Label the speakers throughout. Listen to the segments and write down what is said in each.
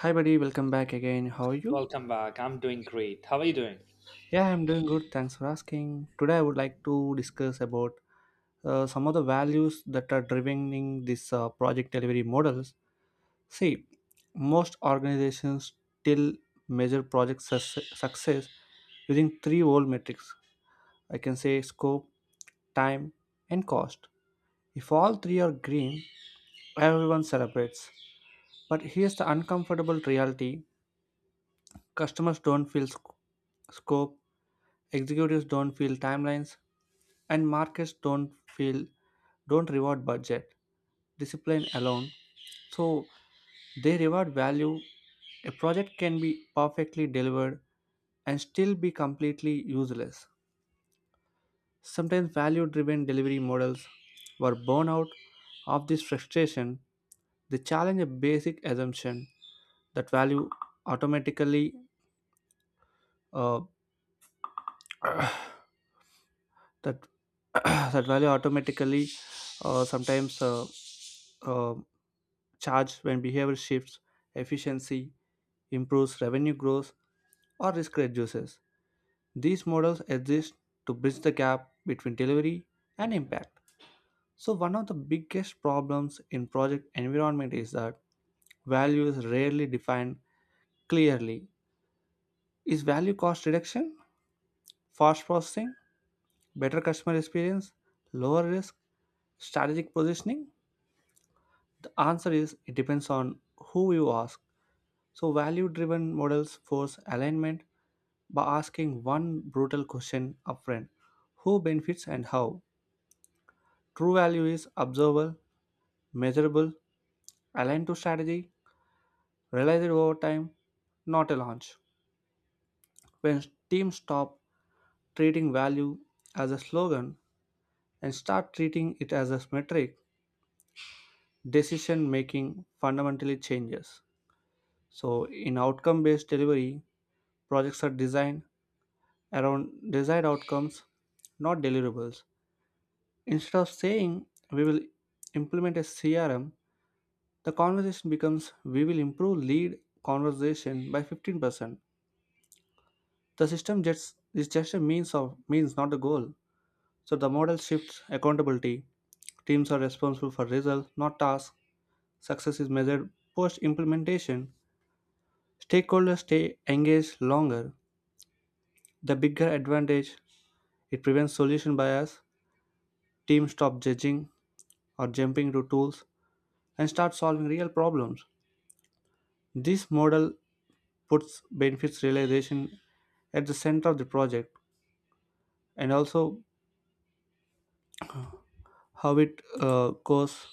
Speaker 1: Hi, buddy. Welcome back again. How are you?
Speaker 2: Welcome back. I'm doing great. How are you doing?
Speaker 1: Yeah, I'm doing good. Thanks for asking. Today, I would like to discuss about some of the values that are driving this project delivery models. See, most organizations still measure project success using three old metrics. I can say scope, time, and cost. If all three are green, everyone celebrates. But here's the uncomfortable reality. Customers don't feel scope, executives don't feel timelines, and markets don't feel don't reward budget discipline alone. So they reward value. A project can be perfectly delivered and still be completely useless. Sometimes value driven delivery models were born out of this frustration. They challenge a basic assumption that value automatically uh, that that value automatically, sometimes uh, charge when behavior shifts, efficiency improves, revenue grows, or risk reduces. These models exist to bridge the gap between delivery and impact. So one of the biggest problems in project environment is that value is rarely defined clearly. Is value cost reduction, fast processing, better customer experience, lower risk, strategic positioning? The answer is it depends on who you ask. So, value driven models force alignment by asking one brutal question upfront: who benefits and how. True value is observable, measurable, aligned to strategy, realized over time, not a launch. When teams stop treating value as a slogan and start treating it as a metric, decision making fundamentally changes. So, in outcome based delivery, projects are designed around desired outcomes, not deliverables. Instead of saying we will implement a CRM, the conversation becomes we will improve lead conversation by 15%. The system just is just a means of means, not a goal. So the model shifts accountability. Teams are responsible for results, not tasks. Success is measured post implementation. Stakeholders stay engaged longer. The bigger advantage, it prevents solution bias. Teams stop judging or jumping to tools and start solving real problems. This model puts benefits realization at the center of the project and also how it goes.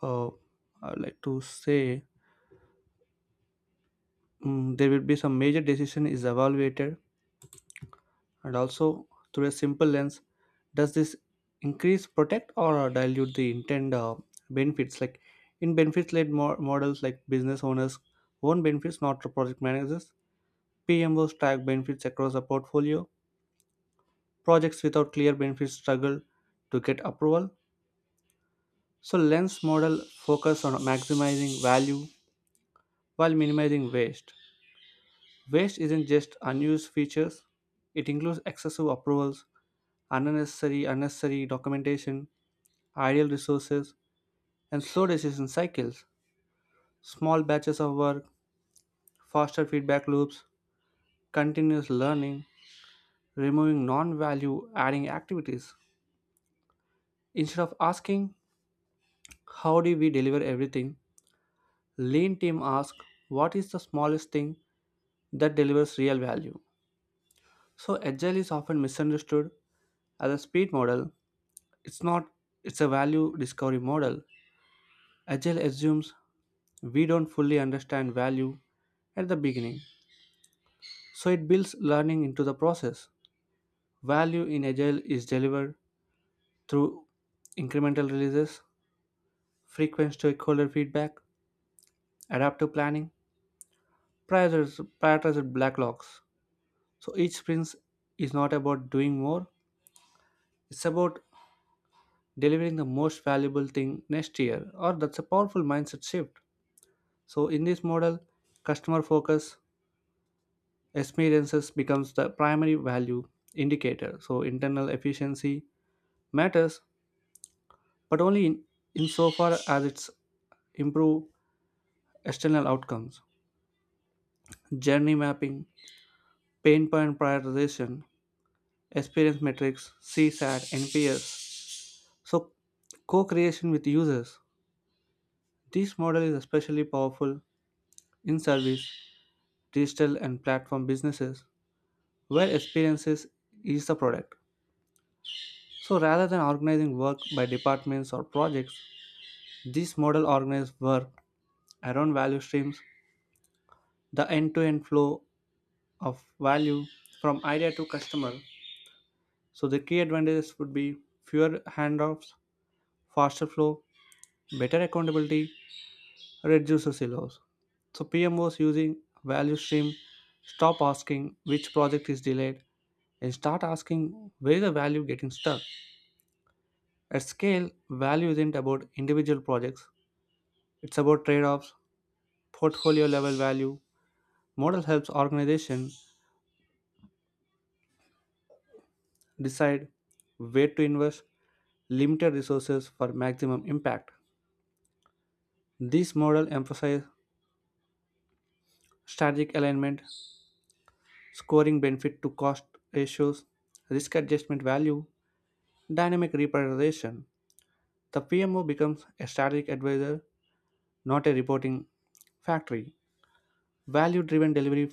Speaker 1: Uh, I like to say, there will be some major decision is evaluated and also through a simple lens: does this increase, protect, or dilute the intent benefits. Like in benefits led models, like business owners own benefits, not the project managers. PMOs track benefits across a portfolio. Projects without clear benefits struggle to get approval. So Lens model focus on maximizing value while minimizing waste. Waste isn't just unused features, it includes excessive approvals, unnecessary documentation, idle resources, and slow decision cycles. Small batches of work, faster feedback loops, continuous learning, removing non-value adding activities. Instead of asking, how do we deliver everything? Lean team asks, what is the smallest thing that delivers real value? So agile is often misunderstood as a speed model. It's not, it's a value discovery model. Agile assumes we don't fully understand value at the beginning. So it builds learning into the process. Value in Agile is delivered through incremental releases, frequent stakeholder feedback, adaptive planning, prioritized backlogs. So each sprint is not about doing more, it's about delivering the most valuable thing next year, or that's a powerful mindset shift. So in this model, customer focus experiences becomes the primary value indicator. So internal efficiency matters, but only in insofar as it's improve external outcomes. Journey mapping, pain point prioritization, experience metrics, CSAT, NPS. So co-creation with users. This model is especially powerful in service, digital, and platform businesses where experiences is the product. So rather than organizing work by departments or projects, this model organizes work around value streams, the end to end flow of value from idea to customer. So the key advantages would be fewer handoffs, faster flow, better accountability, reduce silos. So PM was using value stream. Stop asking which project is delayed and start asking where is the value getting stuck. At scale, value isn't about individual projects. It's about trade-offs, portfolio level value. Model helps organization decide where to invest limited resources for maximum impact. This model emphasizes strategic alignment, scoring benefit to cost ratios, risk adjustment value, dynamic reprioritization. The PMO becomes a strategic advisor, not a reporting factory. Value driven delivery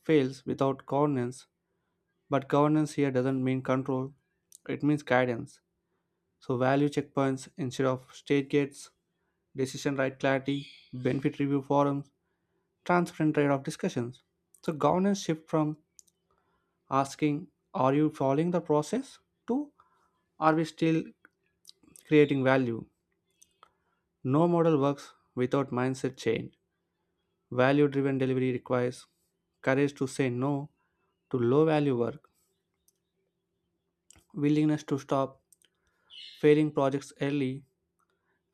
Speaker 1: fails without governance, but governance here doesn't mean control, it means guidance. So, value checkpoints instead of stage gates, decision right clarity, benefit review forums, transparent trade off discussions. So, governance shift from asking, are you following the process? to, are we still creating value? No model works without mindset change. Value driven delivery requires courage to say no to low value work, willingness to stop failing projects early,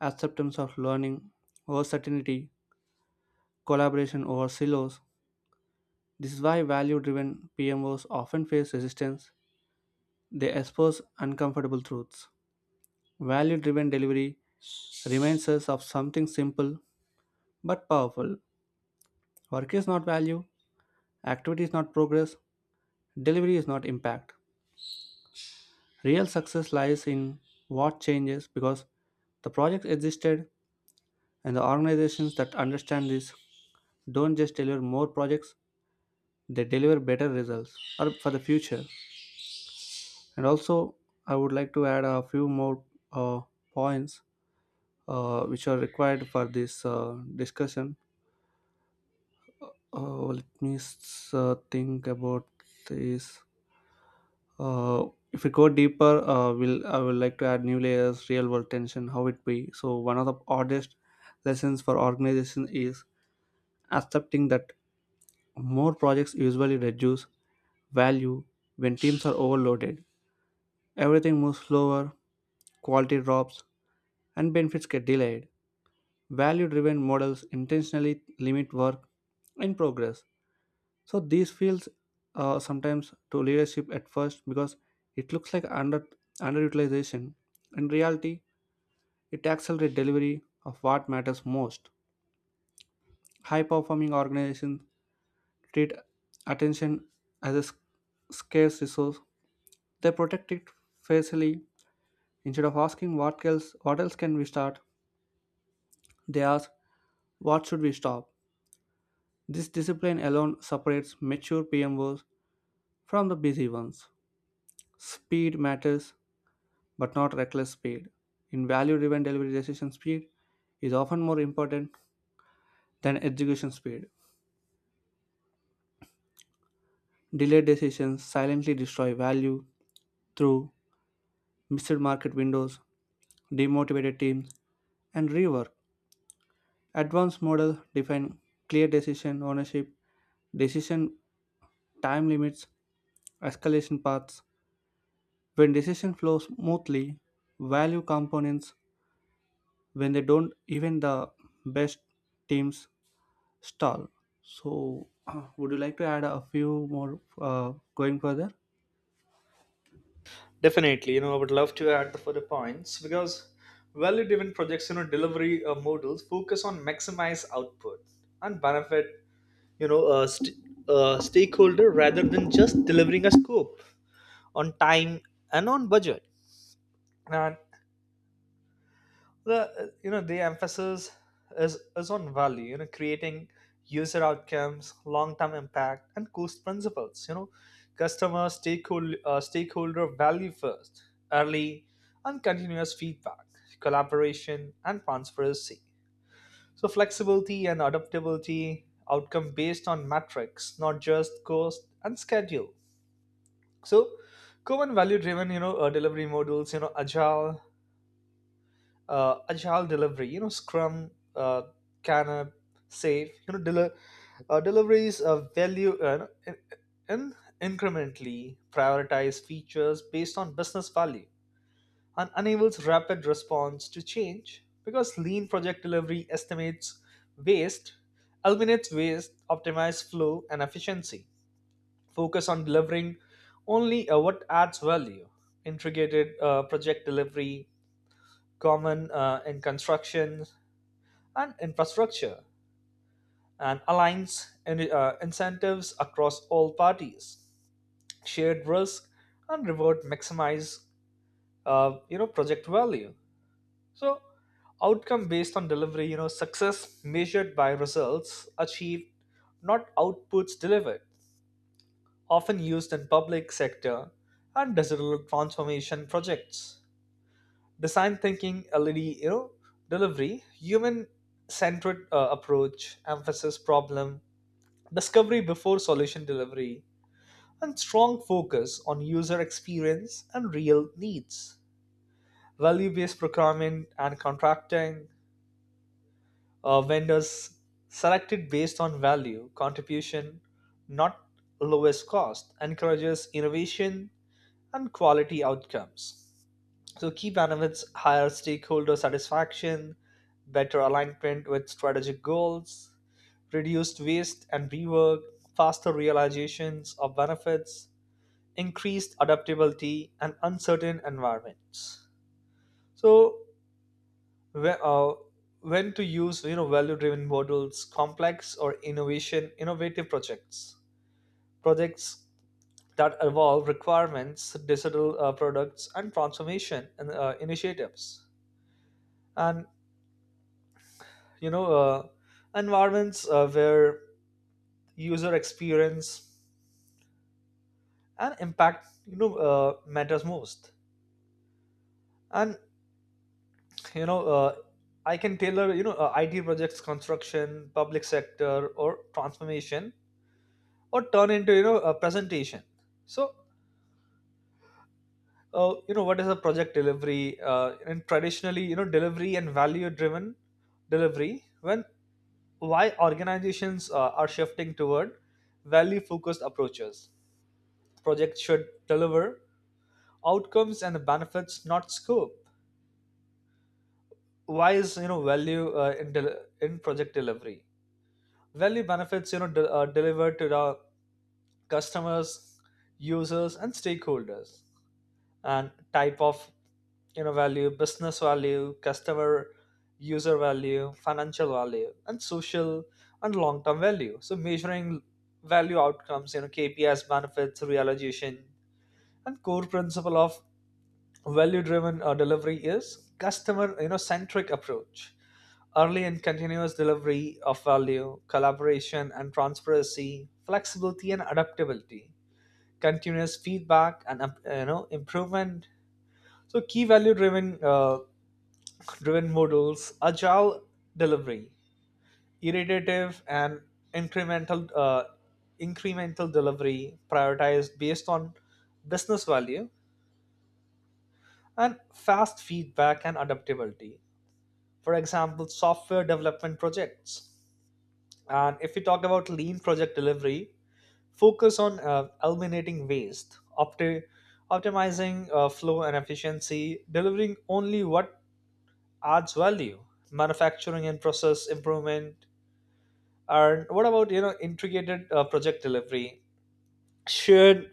Speaker 1: acceptance of learning over certainty, collaboration over silos. This is why value driven PMOs often face resistance. They expose uncomfortable truths. Value driven delivery reminds us of something simple but powerful. Work is not value, activity is not progress, delivery is not impact. Real success lies in what changes because the project existed, and the organizations that understand this don't just deliver more projects, they deliver better results or for the future. And also, I would like to add a few more uh, points which are required for this discussion. Let me think about this. Uh, if we go deeper, will I would like to add new layers, real world tension, how it be. So one of the hardest lessons for organization is accepting that more projects usually reduce value when teams are overloaded. Everything moves slower, quality drops, and benefits get delayed. Value driven models intentionally limit work in progress, so these feels sometimes to leadership at first, because it looks like underutilization. In reality, it accelerates delivery of what matters most. High performing organizations treat attention as a scarce resource. They protect it facilely. Instead of asking what else can we start, they ask what should we stop. This discipline alone separates mature PMOs from the busy ones. Speed matters but not reckless speed. In value driven delivery, decision speed is often more important than execution speed. Delayed decisions silently destroy value through missed market windows, demotivated teams, and rework. Advanced models define clear decision ownership, decision time limits, escalation paths. When decision flows smoothly, value components, when they don't, even the best teams stall. So, would you like to add a few more going further?
Speaker 2: Definitely, I would love to add the further points because value-driven projects, delivery models focus on maximize output and benefit, you know, uh, st- stakeholder rather than just delivering a scope on time and on budget. And the you know the emphasis is on value, creating user outcomes, long term impact, and cost principles. Customer stakeholder, stakeholder value first, early and continuous feedback, collaboration and transparency, so flexibility and adaptability, outcome based on metrics, not just cost and schedule. So common value driven, delivery models, agile, agile delivery, scrum, uh, canap, safe, deliveries of value in incrementally prioritize features based on business value and enables rapid response to change, because lean project delivery estimates waste, eliminates waste, optimizes flow and efficiency, focus on delivering only what adds value. Integrated project delivery, common in construction and infrastructure, and aligns incentives across all parties. Shared risk and reward maximize, project value. So outcome based on delivery, success measured by results achieved, not outputs delivered. Often used in public sector and digital transformation projects. Design thinking, LED, delivery, human centered approach, emphasis problem discovery before solution delivery, and strong focus on user experience and real needs. Value based procurement and contracting, vendors selected based on value, contribution, not lowest cost, encourages innovation and quality outcomes. So key benefits, higher stakeholder satisfaction, better alignment with strategic goals, reduced waste and rework, faster realizations of benefits, increased adaptability and uncertain environments. So whe- uh, when to use value driven models, complex or innovation innovative projects, projects that evolve requirements, digital products and transformation initiatives, and you know uh, environments where user experience and impact matters most. And you know uh, I can tailor, it projects, construction, public sector, or transformation, or turn into a presentation. So what is a project delivery, and traditionally, delivery and value driven delivery, when, why organizations are shifting toward value focused approaches. Projects should deliver outcomes and benefits, not scope. Why is value in project delivery? Value benefits, delivered to the customers, users, and stakeholders. And type of value, business value, customer user value, financial value, and social and long term value. So measuring value outcomes, KPIs, benefits, realization, and core principle of value driven delivery is customer centric approach, early and continuous delivery of value, collaboration and transparency, flexibility and adaptability, continuous feedback and improvement. So key value driven, driven models, agile delivery, iterative and incremental, delivery prioritized based on business value and fast feedback and adaptability. For example, software development projects. And if we talk about lean project delivery, focus on eliminating waste, optimizing flow and efficiency, delivering only what adds value, manufacturing and process improvement. And what about integrated project delivery, shared,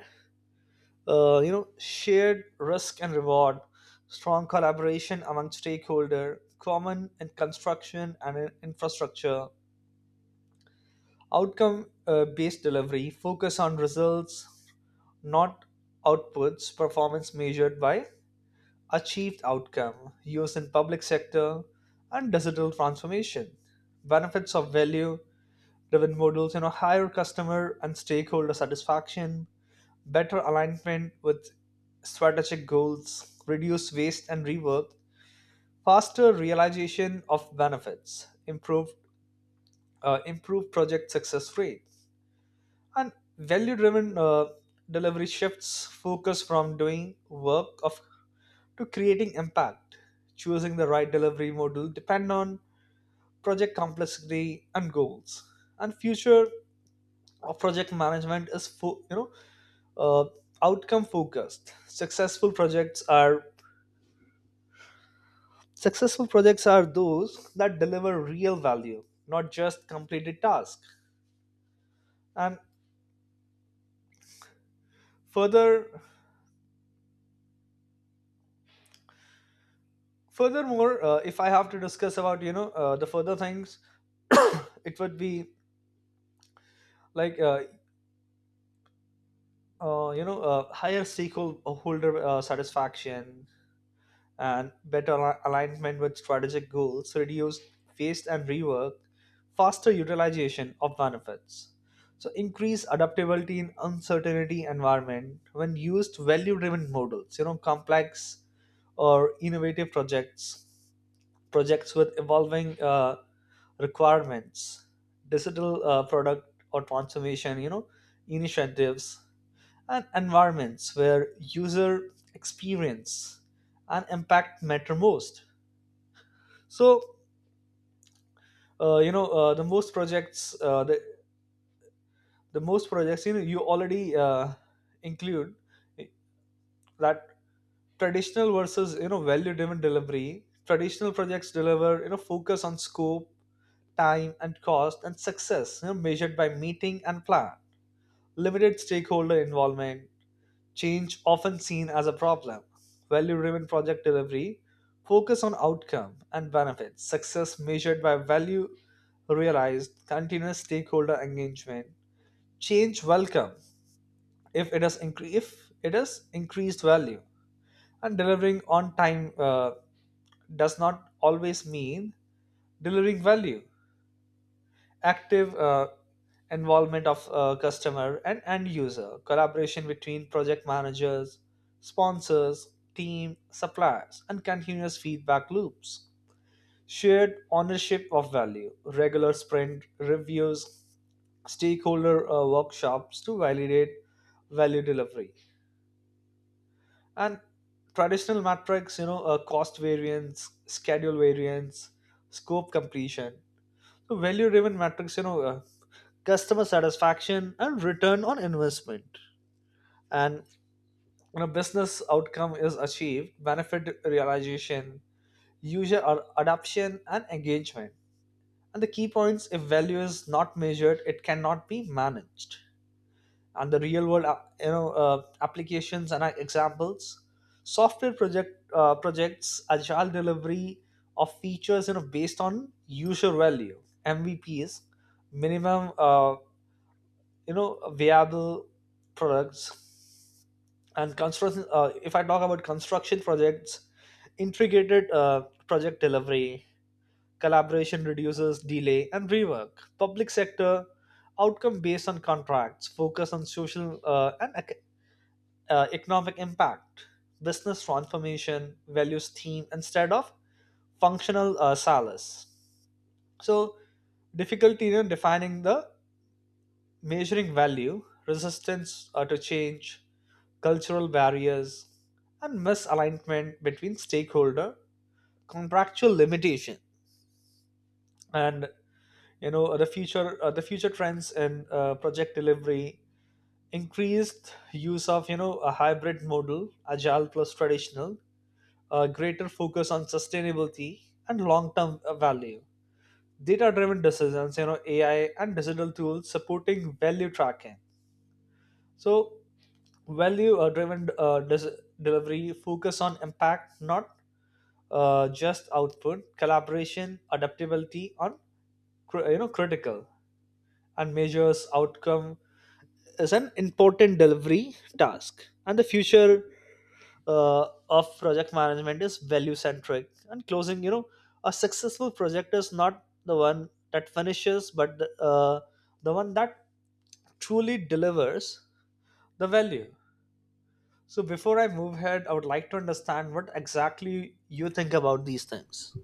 Speaker 2: shared risk and reward, strong collaboration among stakeholder, common in construction and in infrastructure. Outcome based delivery, focus on results, not outputs, performance measured by achieved outcome, used in public sector and digital transformation. Benefits of value driven models, higher customer and stakeholder satisfaction, better alignment with strategic goals, reduce waste and rework, faster realization of benefits, improved project success rate. And value driven delivery shifts focus from doing work of to creating impact. Choosing the right delivery model depend on project complexity and goals. And future of project management is uh, outcome focused. Successful projects are those that deliver real value, not just completed tasks. And further furthermore, if I have to discuss about the further things, it would be like uh, higher stakeholder satisfaction and alignment with strategic goals, reduced waste and rework, faster utilization of benefits, so increase adaptability in uncertainty environment. When used value driven models, complex or innovative projects, projects with evolving requirements, digital product or transformation, initiatives, and environments where user experience and impact matter most. So you know the most projects the most projects, you know you already include that. Traditional versus, value driven delivery, traditional projects deliver, focus on scope, time and cost, and success, measured by meeting and plan, limited stakeholder involvement, change often seen as a problem. Value driven project delivery focus on outcome and benefits, success measured by value realized, continuous stakeholder engagement, change welcome if if it is increased value. And delivering on time does not always mean delivering value. Active involvement of customer and end user, collaboration between project managers, sponsors, team, suppliers, and continuous feedback loops, shared ownership of value, regular sprint reviews, stakeholder workshops to validate value delivery, and traditional metrics, cost variance, schedule variance, scope completion. So value driven metrics, customer satisfaction and return on investment. And when a business outcome is achieved, benefit realization, adoption, and engagement. And the key points: if value is not measured, it cannot be managed. And the real-world, applications and examples, software project projects, agile delivery of features, based on user value (MVPs), minimum, viable products. And construction, if I talk about construction projects, integrated project delivery collaboration reduces delay and rework. Public sector outcome based on contracts focus on social and economic impact. Business transformation values team instead of functional solace. So difficulty in defining the measuring value, resistance to change, cultural barriers, and misalignment between stakeholder, contractual limitation, and the future trends in project delivery, increased use of a hybrid model, agile plus traditional, a greater focus on sustainability and long term value, data driven decisions, AI and digital tools supporting value tracking. So value driven delivery focus on impact, not just output. Collaboration, adaptability on critical, and measures outcome is an important delivery task. And the future of project management is value centric. And closing, a successful project is not the one that finishes, but the one that truly delivers the value. So before I move ahead, I would like to understand what exactly you think about these things.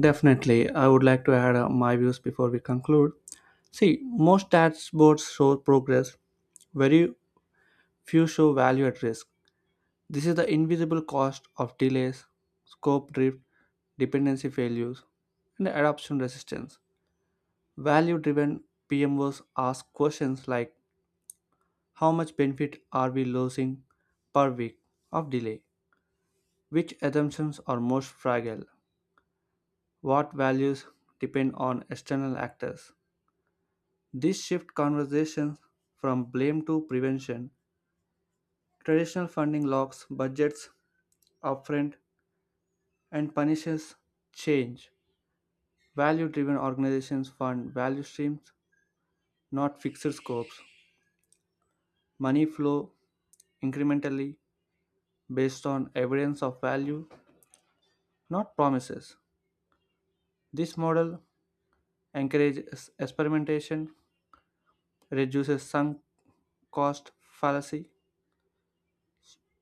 Speaker 1: Definitely, I would like to add my views before we conclude. See, most dashboards show progress, very few show value at risk. This is the invisible cost of delays, scope drift, dependency failures, and adoption resistance. Value driven PMOs ask questions like, how much benefit are we losing per week of delay? Which assumptions are most fragile? What values depend on external actors? This shift conversations from blame to prevention. Traditional funding locks budgets upfront and punishes change. Value driven organizations fund value streams, not fixed scopes. Money flow incrementally based on evidence of value, not promises. This model encourages experimentation, reduces sunk cost fallacy,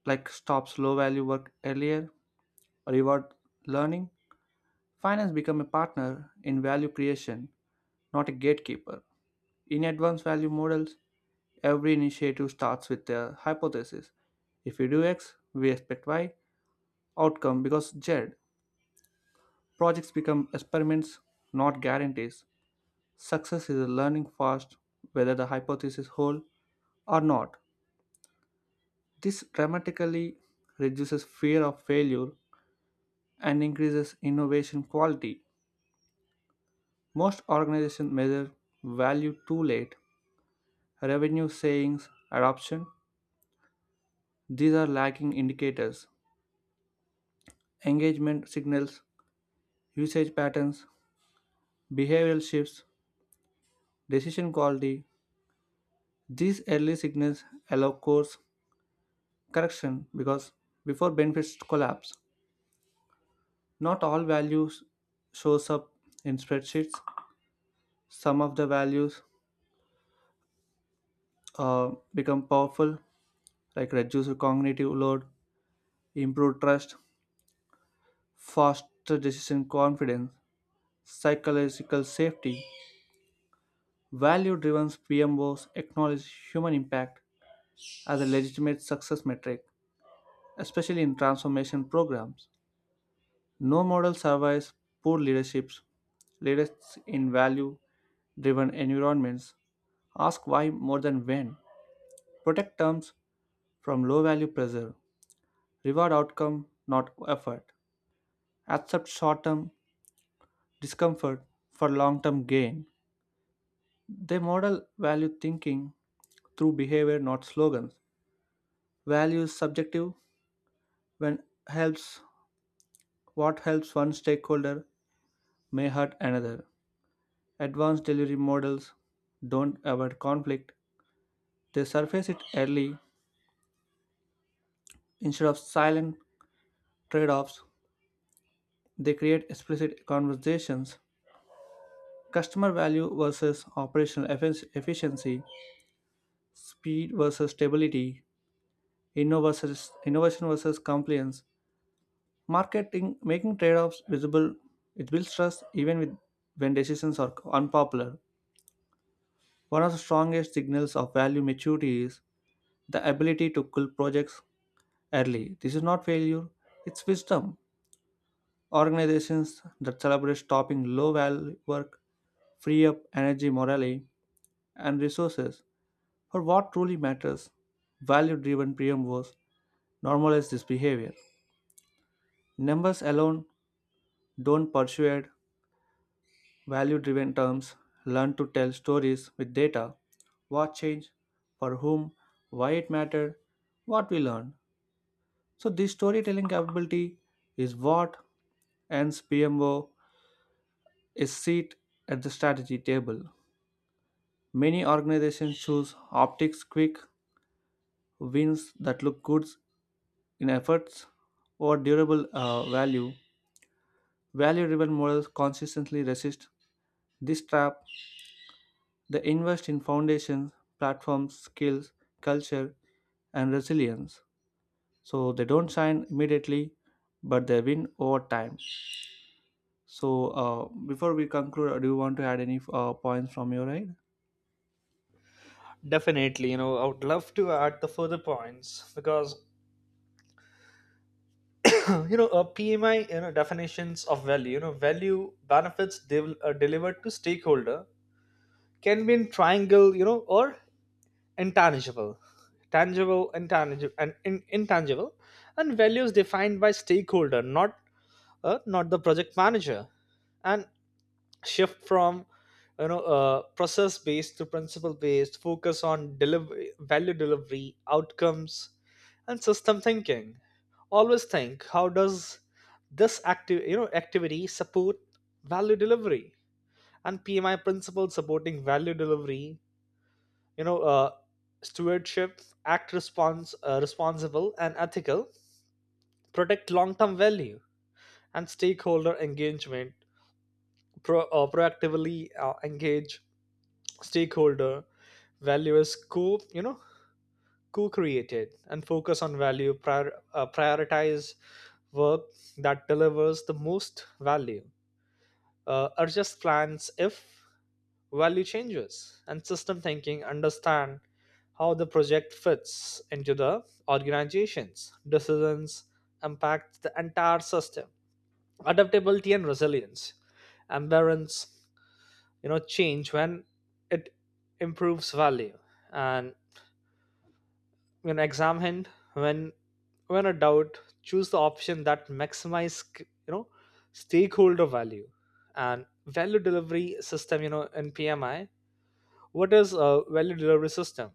Speaker 1: like stops low value work earlier, reward learning, finance become a partner in value creation, not a gatekeeper. In advanced value models, every initiative starts with a hypothesis. If we do X, we expect Y outcome because Z. Projects become experiments, not guarantees. Success is a learning fast whether the hypothesis hold or not. This dramatically reduces fear of failure and increases innovation quality. Most organizations measure value too late. Revenue savings, adoption, these are lagging indicators. Engagement signals, usage patterns, behavioral shifts, decision quality. These early signals allow course correction because before benefits collapse. Not all values shows up in spreadsheets. Some of the values become powerful, like reduced cognitive load, improved trust, faster decision confidence, psychological safety. Value driven PMOs acknowledge human impact as a legitimate success metric, especially in transformation programs. No model survives poor leaderships. Leaders in value driven environments ask why more than when, protect terms from low value pressure, reward outcome, not effort, accept short term discomfort for long term gain. They model value thinking through behavior, not slogans. Value is subjective when helps what helps one stakeholder may hurt another. Advanced delivery models don't avoid conflict. They surface it early instead of silent trade-offs. They create explicit conversations. Customer value versus operational efficiency, speed versus stability, innovation versus compliance. Marketing making trade-offs visible, it builds trust even when decisions are unpopular. One of the strongest signals of value maturity is the ability to kill projects early. This is not failure, it's wisdom. Organizations that celebrate stopping low value work free up energy, morale, and resources for what truly matters. Value driven PMOs normalize this behavior. Numbers alone don't persuade. Value driven terms learn to tell stories with data: what changed, for whom, why it mattered, what we learned. So, this storytelling capability is what earns PMO a seat at the strategy table. Many organizations choose optics, quick wins that look good in efforts, or durable value. Value driven models consistently resist this trap. They invest in foundations, platforms, skills, culture, and resilience. So they don't shine immediately, but they win over time. So before we conclude, do you want to add any points from your end?
Speaker 2: Definitely, I would love to add the further points because, a PMI, definitions of value, value benefits delivered to stakeholder, can be in triangle, or intangible, tangible, intangible, and intangible, and values defined by stakeholder, not not the project manager. And shift from process based to principle based, focus on delivery, value delivery outcomes, and system thinking. Always think, how does this active you know activity support value delivery? And PMI principle supporting value delivery, you know uh, stewardship act, response responsible and ethical, protect long term value, and stakeholder engagement. Proactively engage stakeholder. Value is co you know co-created, and focus on value, prioritize work that delivers the most value, adjust plans if value changes. And system thinking, understand how the project fits into the organization's decisions, impact the entire system. Adaptability and resilience, and balance, change when it improves value. And When exam hand, when a doubt, choose the option that maximize, you know stakeholder value. And value delivery system, in PMI, what is a value delivery system?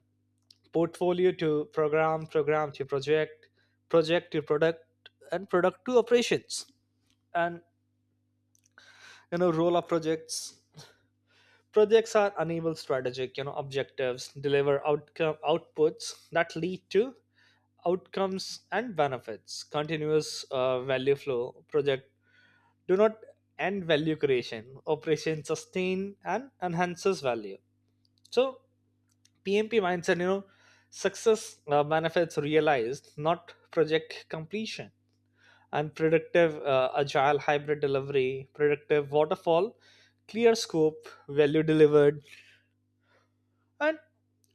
Speaker 2: Portfolio to program, program to project, project to product, and product to operations. And role of projects, projects are enable strategic, objectives, deliver outcome outputs that lead to outcomes and benefits, continuous value flow. Project do not end value creation, operation sustain and enhances value. So PMP mindset, success, benefits realized not project completion. And predictive, agile hybrid delivery, predictive waterfall, clear scope, value delivered, and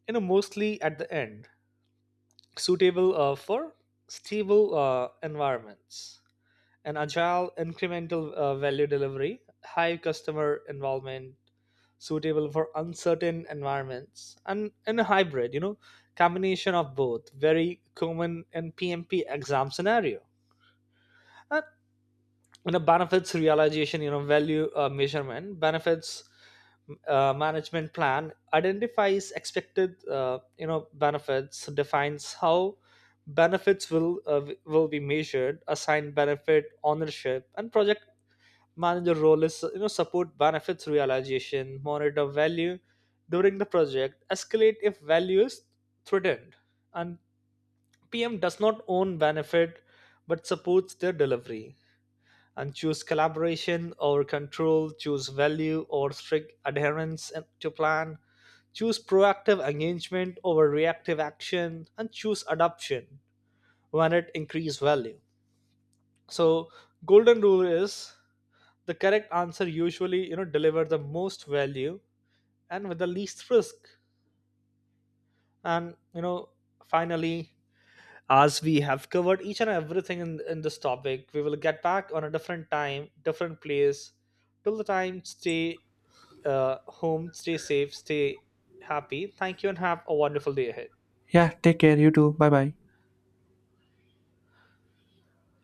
Speaker 2: mostly at the end, suitable for stable environments. And agile, incremental value delivery, high customer involvement, suitable for uncertain environments, and in a hybrid, combination of both, very common in PMP exam scenario. And benefits realization, value measurement, benefits management plan identifies expected, benefits, defines how benefits will be measured, assign benefit ownership. And project manager role is support benefits realization, monitor value during the project, escalate if value is threatened. And PM does not own benefit but supports their delivery. And choose collaboration over control, choose value or strict adherence to plan, choose proactive engagement over reactive action, and choose adoption when it increases value. So golden rule is the correct answer, usually, deliver the most value and with the least risk. And finally, as we have covered each and everything in this topic, we will get back on a different time, different place. Till the time, stay home, stay safe, stay happy. Thank you and have a wonderful day ahead.
Speaker 1: Yeah, take care. You too. Bye bye.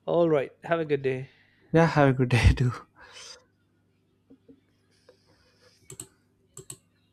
Speaker 2: All right, have a good day.
Speaker 1: Yeah, have a good day too.